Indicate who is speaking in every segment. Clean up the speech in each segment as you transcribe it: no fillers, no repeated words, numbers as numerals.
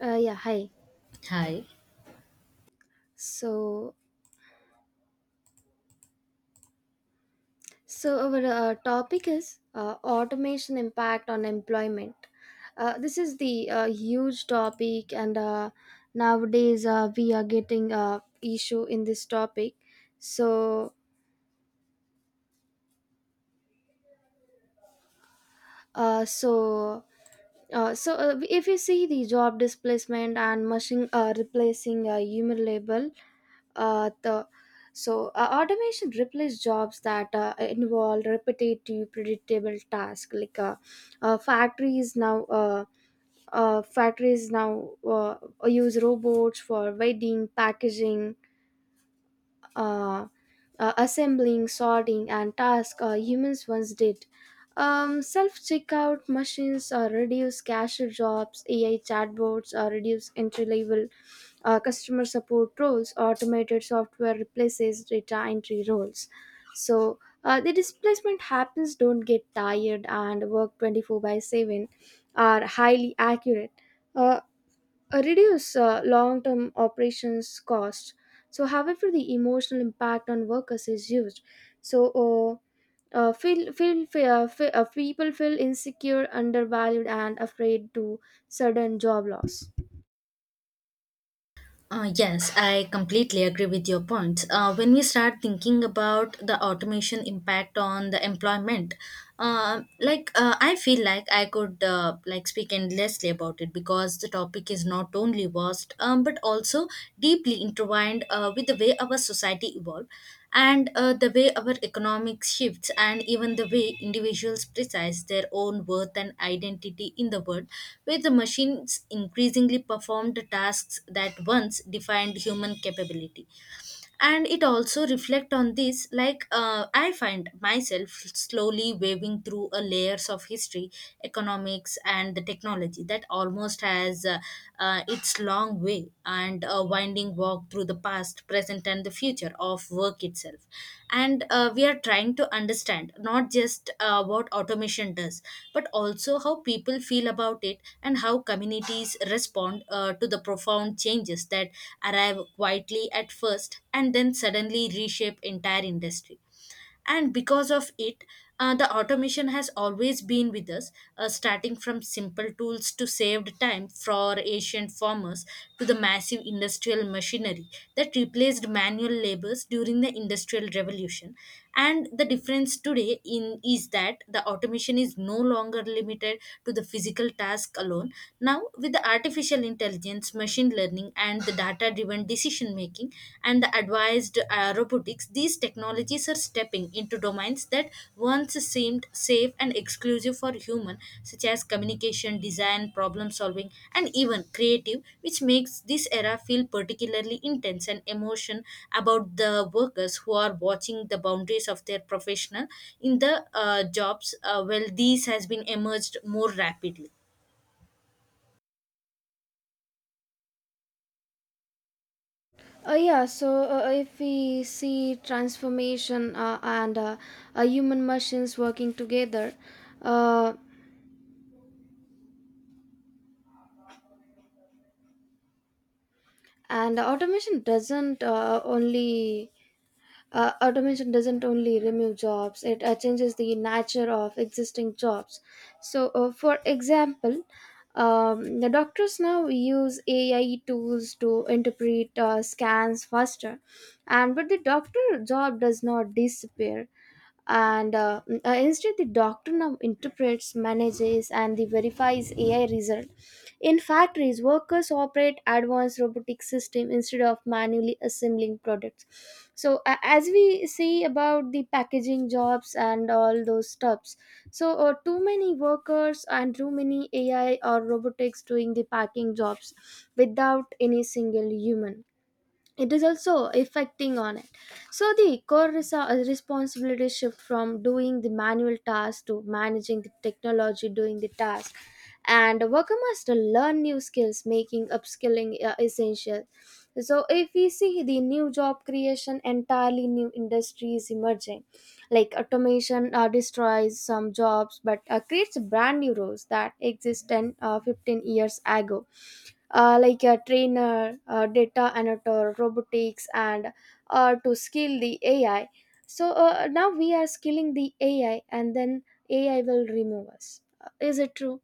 Speaker 1: Yeah, hi.
Speaker 2: Hi.
Speaker 1: So, so, our topic is automation impact on employment. This is the huge topic, and nowadays we are getting issue in this topic. So, Uh, so so, if you see the job displacement and machine replacing a human labor the so automation replace jobs that involve repetitive predictable tasks like factories now uh, use robots for welding packaging uh, assembling, sorting, and task humans once did. Self-checkout machines reduce cashier jobs, AI chatbots reduce entry-level customer support roles, automated software replaces data entry roles. So the displacement happens, don't get tired, and work 24/7 are highly accurate. Uh, Reduce long-term operations costs. So, however, the emotional impact on workers is huge. So, feel feel fe- fe- people feel insecure, undervalued, and afraid to sudden job loss.
Speaker 2: Yes, I completely agree with your points. When we start thinking about the automation impact on the employment, I feel like I could speak endlessly about it because the topic is not only vast but also deeply intertwined with the way our society evolved, and the way our economic shifts and even the way individuals precise their own worth and identity in the world where the machines increasingly perform the tasks that once defined human capability. And it also reflect on this I find myself slowly waving through a layers of history, economics and the technology that almost has its long way and a winding walk through the past present and the future of work itself. And we are trying to understand not just what automation does, but also how people feel about it and how communities respond to the profound changes that arrive quietly at first and then suddenly reshape entire industry. And because of it, the automation has always been with us, starting from simple tools to saved time for ancient farmers to the massive industrial machinery that replaced manual labors during the industrial revolution. And the difference today in is that the automation is no longer limited to the physical task alone. Now with the artificial intelligence, machine learning, and the data driven decision making and the advanced robotics, these technologies are stepping into domains that once seemed safe and exclusive for human, such as communication, design, problem solving, and even creative, which makes this era feel particularly intense and emotion about the workers who are watching the boundaries of their professional in the jobs. Well these has been emerged more rapidly.
Speaker 1: Yeah. So, if we see transformation and human machines working together, uh, and automation doesn't only automation doesn't only remove jobs, it changes the nature of existing jobs. So, for example, the doctors now use AI tools to interpret scans faster, and but the doctor job does not disappear and instead the doctor now interprets manages and the verifies AI result in factories workers operate advanced robotic system instead of manually assembling products so a as we see about the packaging jobs and all those stuffs so too many workers and too many AI or robotics doing the packing jobs without any single human. It is also affecting on it. So the core responsibility shift from doing the manual task to managing the technology doing the task, and a worker must learn new skills making upskilling essential. So if we see the new job creation entirely new industries emerging like automation destroys some jobs but creates brand new roles that exist 10 15 years ago, like a trainer, data annotator, robotics, and to skill the AI. So now we are skilling the AI, and then AI will remove us. Is it true?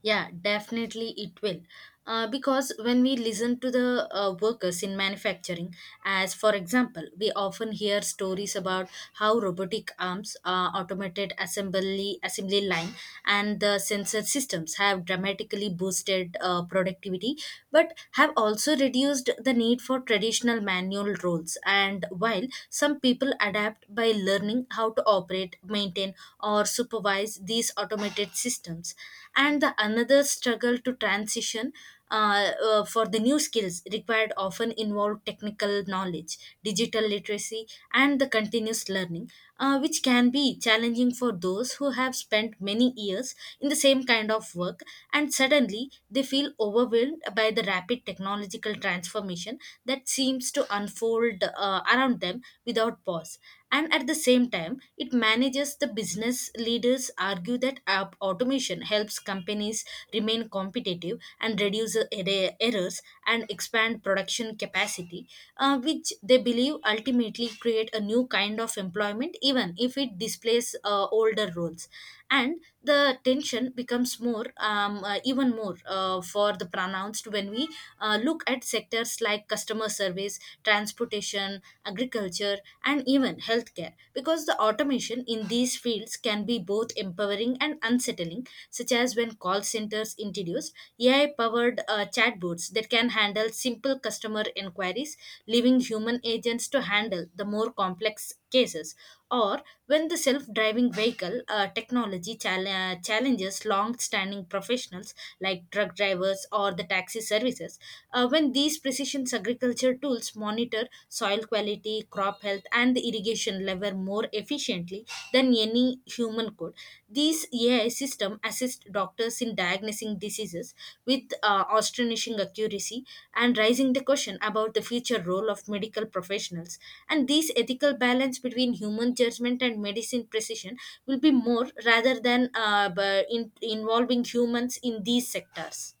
Speaker 2: Yeah, definitely it will. Because when we listen to the workers in manufacturing, as for example, we often hear stories about how robotic arms, automated assembly line, and the sensor systems have dramatically boosted productivity, but have also reduced the need for traditional manual roles. And while some people adapt by learning how to operate, maintain, or supervise these automated systems, and the another struggle to transition for the new skills required often involve technical knowledge, digital literacy, and the continuous learning, which can be challenging for those who have spent many years in the same kind of work and suddenly they feel overwhelmed by the rapid technological transformation that seems to unfold around them without pause. And at the same time it manages the business leaders argue that app automation helps companies remain competitive and reduce the errors and expand production capacity, which they believe ultimately create a new kind of employment even if it displaces older roles. And the tension becomes more even more for the pronounced when we look at sectors like customer service, transportation, agriculture, and even healthcare, because the automation in these fields can be both empowering and unsettling, such as when call centers introduced ai powered chatbots that can handle simple customer inquiries, leaving human agents to handle the more complex cases, or when the self driving vehicle technology challenges long standing professionals like truck drivers or the taxi services, when these precision agriculture tools monitor soil quality, crop health, and the irrigation level more efficiently than any human could. These AI system assist doctors in diagnosing diseases with astonishing accuracy and raising the question about the future role of medical professionals. And this ethical balance between human judgment and medicine precision will be more rather than involving humans in these sectors.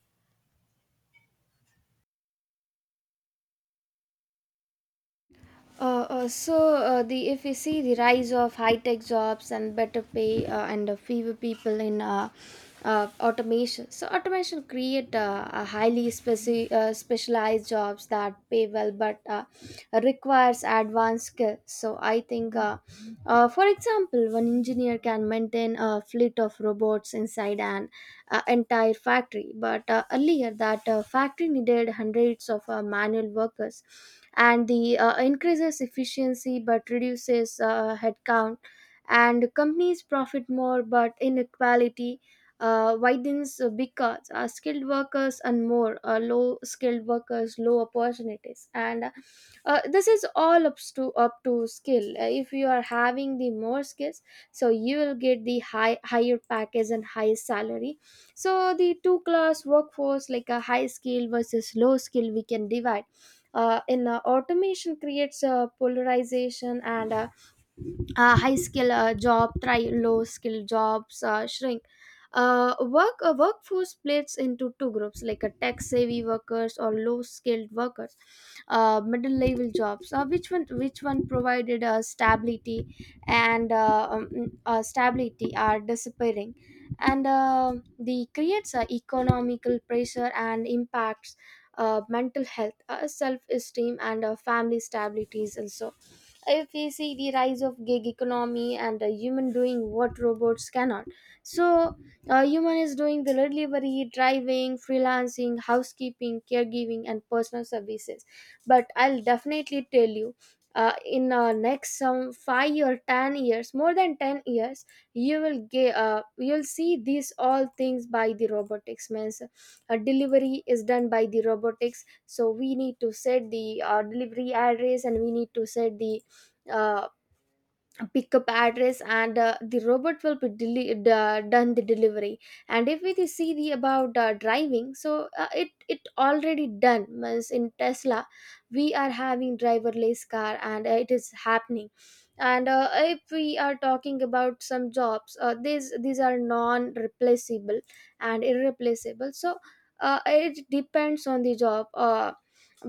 Speaker 1: The if we see the rise of high-tech jobs and better pay and fewer people in automation. So automation create a highly specialized jobs that pay well but requires advanced skills. So I think, for example, one engineer can maintain a fleet of robots inside an entire factory, but earlier that factory needed hundreds of manual workers, and the increases efficiency but reduces headcount, and companies profit more, but inequality widens because skilled workers and more low skilled workers low opportunities and this is all up to skill. If you are having the more skills, so you will get the higher package and higher salary. So the two class workforce like a high skill versus low skill we can divide in automation creates a polarization and high skill job try low skill jobs shrink. Workforce splits into two groups like a tech savvy workers or low skilled workers. Middle level jobs which one provided stability and stability are disappearing, and the creates economical pressure and impacts mental health, self esteem, and family stabilities also. If we see the rise of gig economy and a human doing what robots cannot, so a human is doing the delivery driving freelancing housekeeping caregiving and personal services. But I'll definitely tell you, in next some 5 or 10 years, more than 10 years, you will get you'll see these all things by the robotics means delivery is done by the robotics. So we need to set the delivery address and we need to set the uh, pickup address and the robot will be done the delivery. And if we see the about driving, so it already done means in Tesla we are having driverless car and it is happening. And if we are talking about some jobs, these are non replaceable and irreplaceable. So it depends on the job.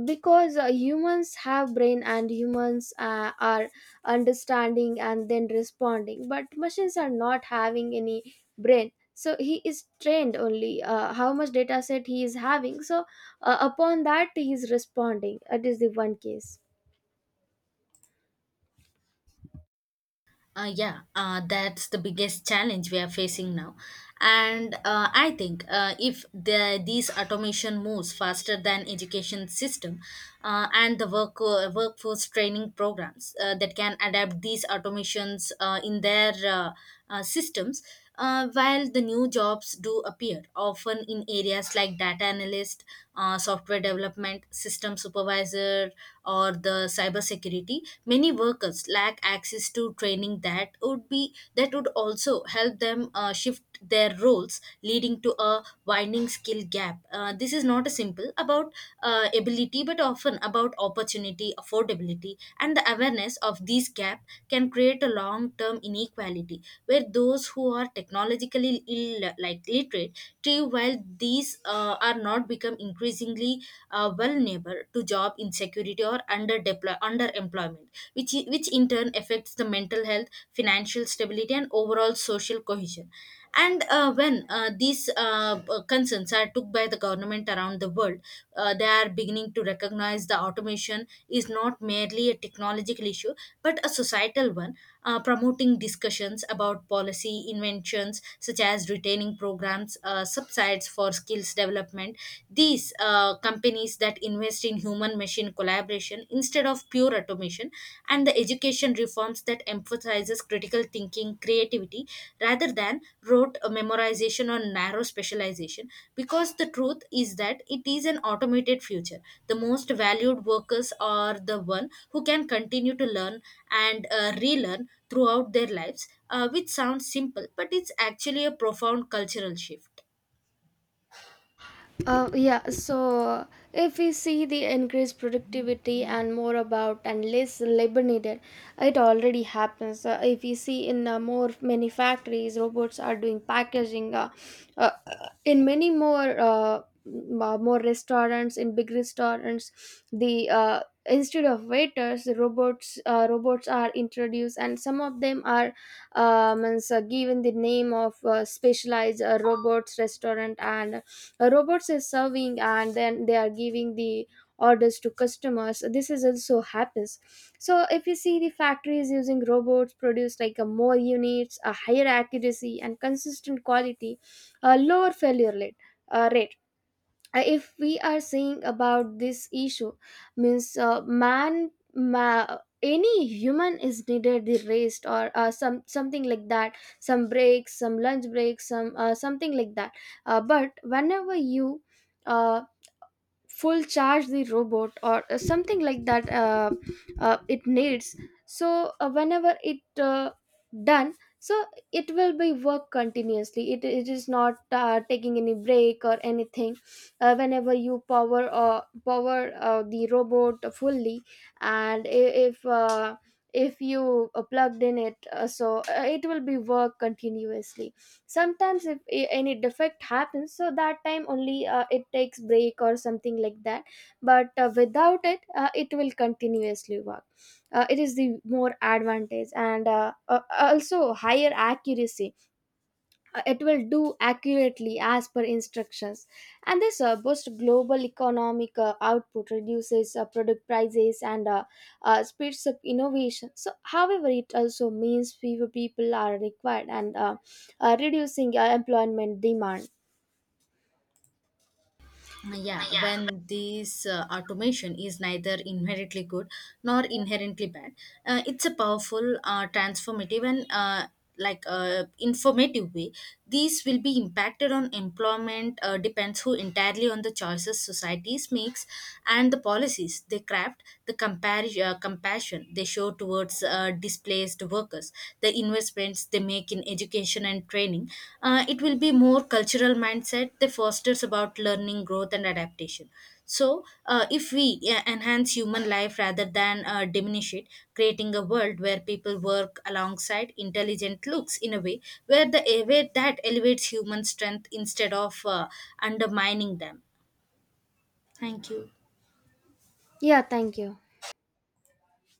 Speaker 1: Because humans have brain and humans are understanding and then responding, but machines are not having any brain, so he is trained only how much data set he is having, so upon that he is responding. That is the one case.
Speaker 2: Yeah, that's the biggest challenge we are facing now. And I think if these automation moves faster than education system and the workforce training programs that can adapt these automations in their systems, while the new jobs do appear, often in areas like data analyst, software development, system supervisor, or the cybersecurity, many workers lack access to training that would be that would also help them shift their roles, leading to a widening skill gap. This is not a simple about ability, but often about opportunity, affordability, and the awareness of these gap can create a long-term inequality where those who are technologically ill, like literate, thrive while these are not become increasingly vulnerable to job insecurity or under underemployment, which in turn affects the mental health, financial stability, and overall social cohesion. And when these concerns are took by the government around the world, they are beginning to recognize the automation is not merely a technological issue but a societal one, promoting discussions about policy inventions such as retaining programs, subsides for skills development. These companies that invest in human machine collaboration instead of pure automation, and the education reforms that emphasizes critical thinking, creativity rather than rote memorization or narrow specialization, because the truth is that it is an automated future. The most valued workers are the one who can continue to learn and relearn throughout their lives, which sounds simple, but it's actually a profound cultural shift.
Speaker 1: Yeah, so if we see the increased productivity and more about and less labor needed, it already happens. If we see in more many factories, robots are doing packaging. Uh, in many more more restaurants, in big restaurants, the instead of waiters, the robots are introduced, and some of them are um, given the name of specialized robots restaurant and robots is serving and then they are giving the orders to customers. This is also happens. So if you see the factories using robots produce like a more units a higher accuracy and consistent quality, a lower failure rate. If we are saying about this issue means any human is needed the rest or something like that, some breaks, some lunch breaks, some something like that. But whenever you uh, full charge the robot or something like that it needs. So whenever it done, so it will be work continuously. It is not taking any break or anything. Whenever you power the robot fully and if you plugged in it, it will be work continuously. Sometimes if any defect happens, so that time only it takes break or something like that. But without it it will continuously work. It is the more advantage and also higher accuracy. It will do accurately as per instructions. And this boosts global economic output, reduces product prices, and speeds up innovation. So however it also means fewer people are required and reducing employment demand.
Speaker 2: Yeah, when this automation is neither inherently good nor inherently bad, it's a powerful transformative and informative way, these will be impacted on employment depends who entirely on the choices societies makes and the policies they craft, the compassion they show towards displaced workers, the investments they make in education and training. It will be more cultural mindset that fosters about learning, growth, and adaptation. So, if we enhance human life rather than diminish it, creating a world where people work alongside intelligent looks in a way where the where that elevates human strength instead of undermining them. Thank you.
Speaker 1: Yeah, thank you.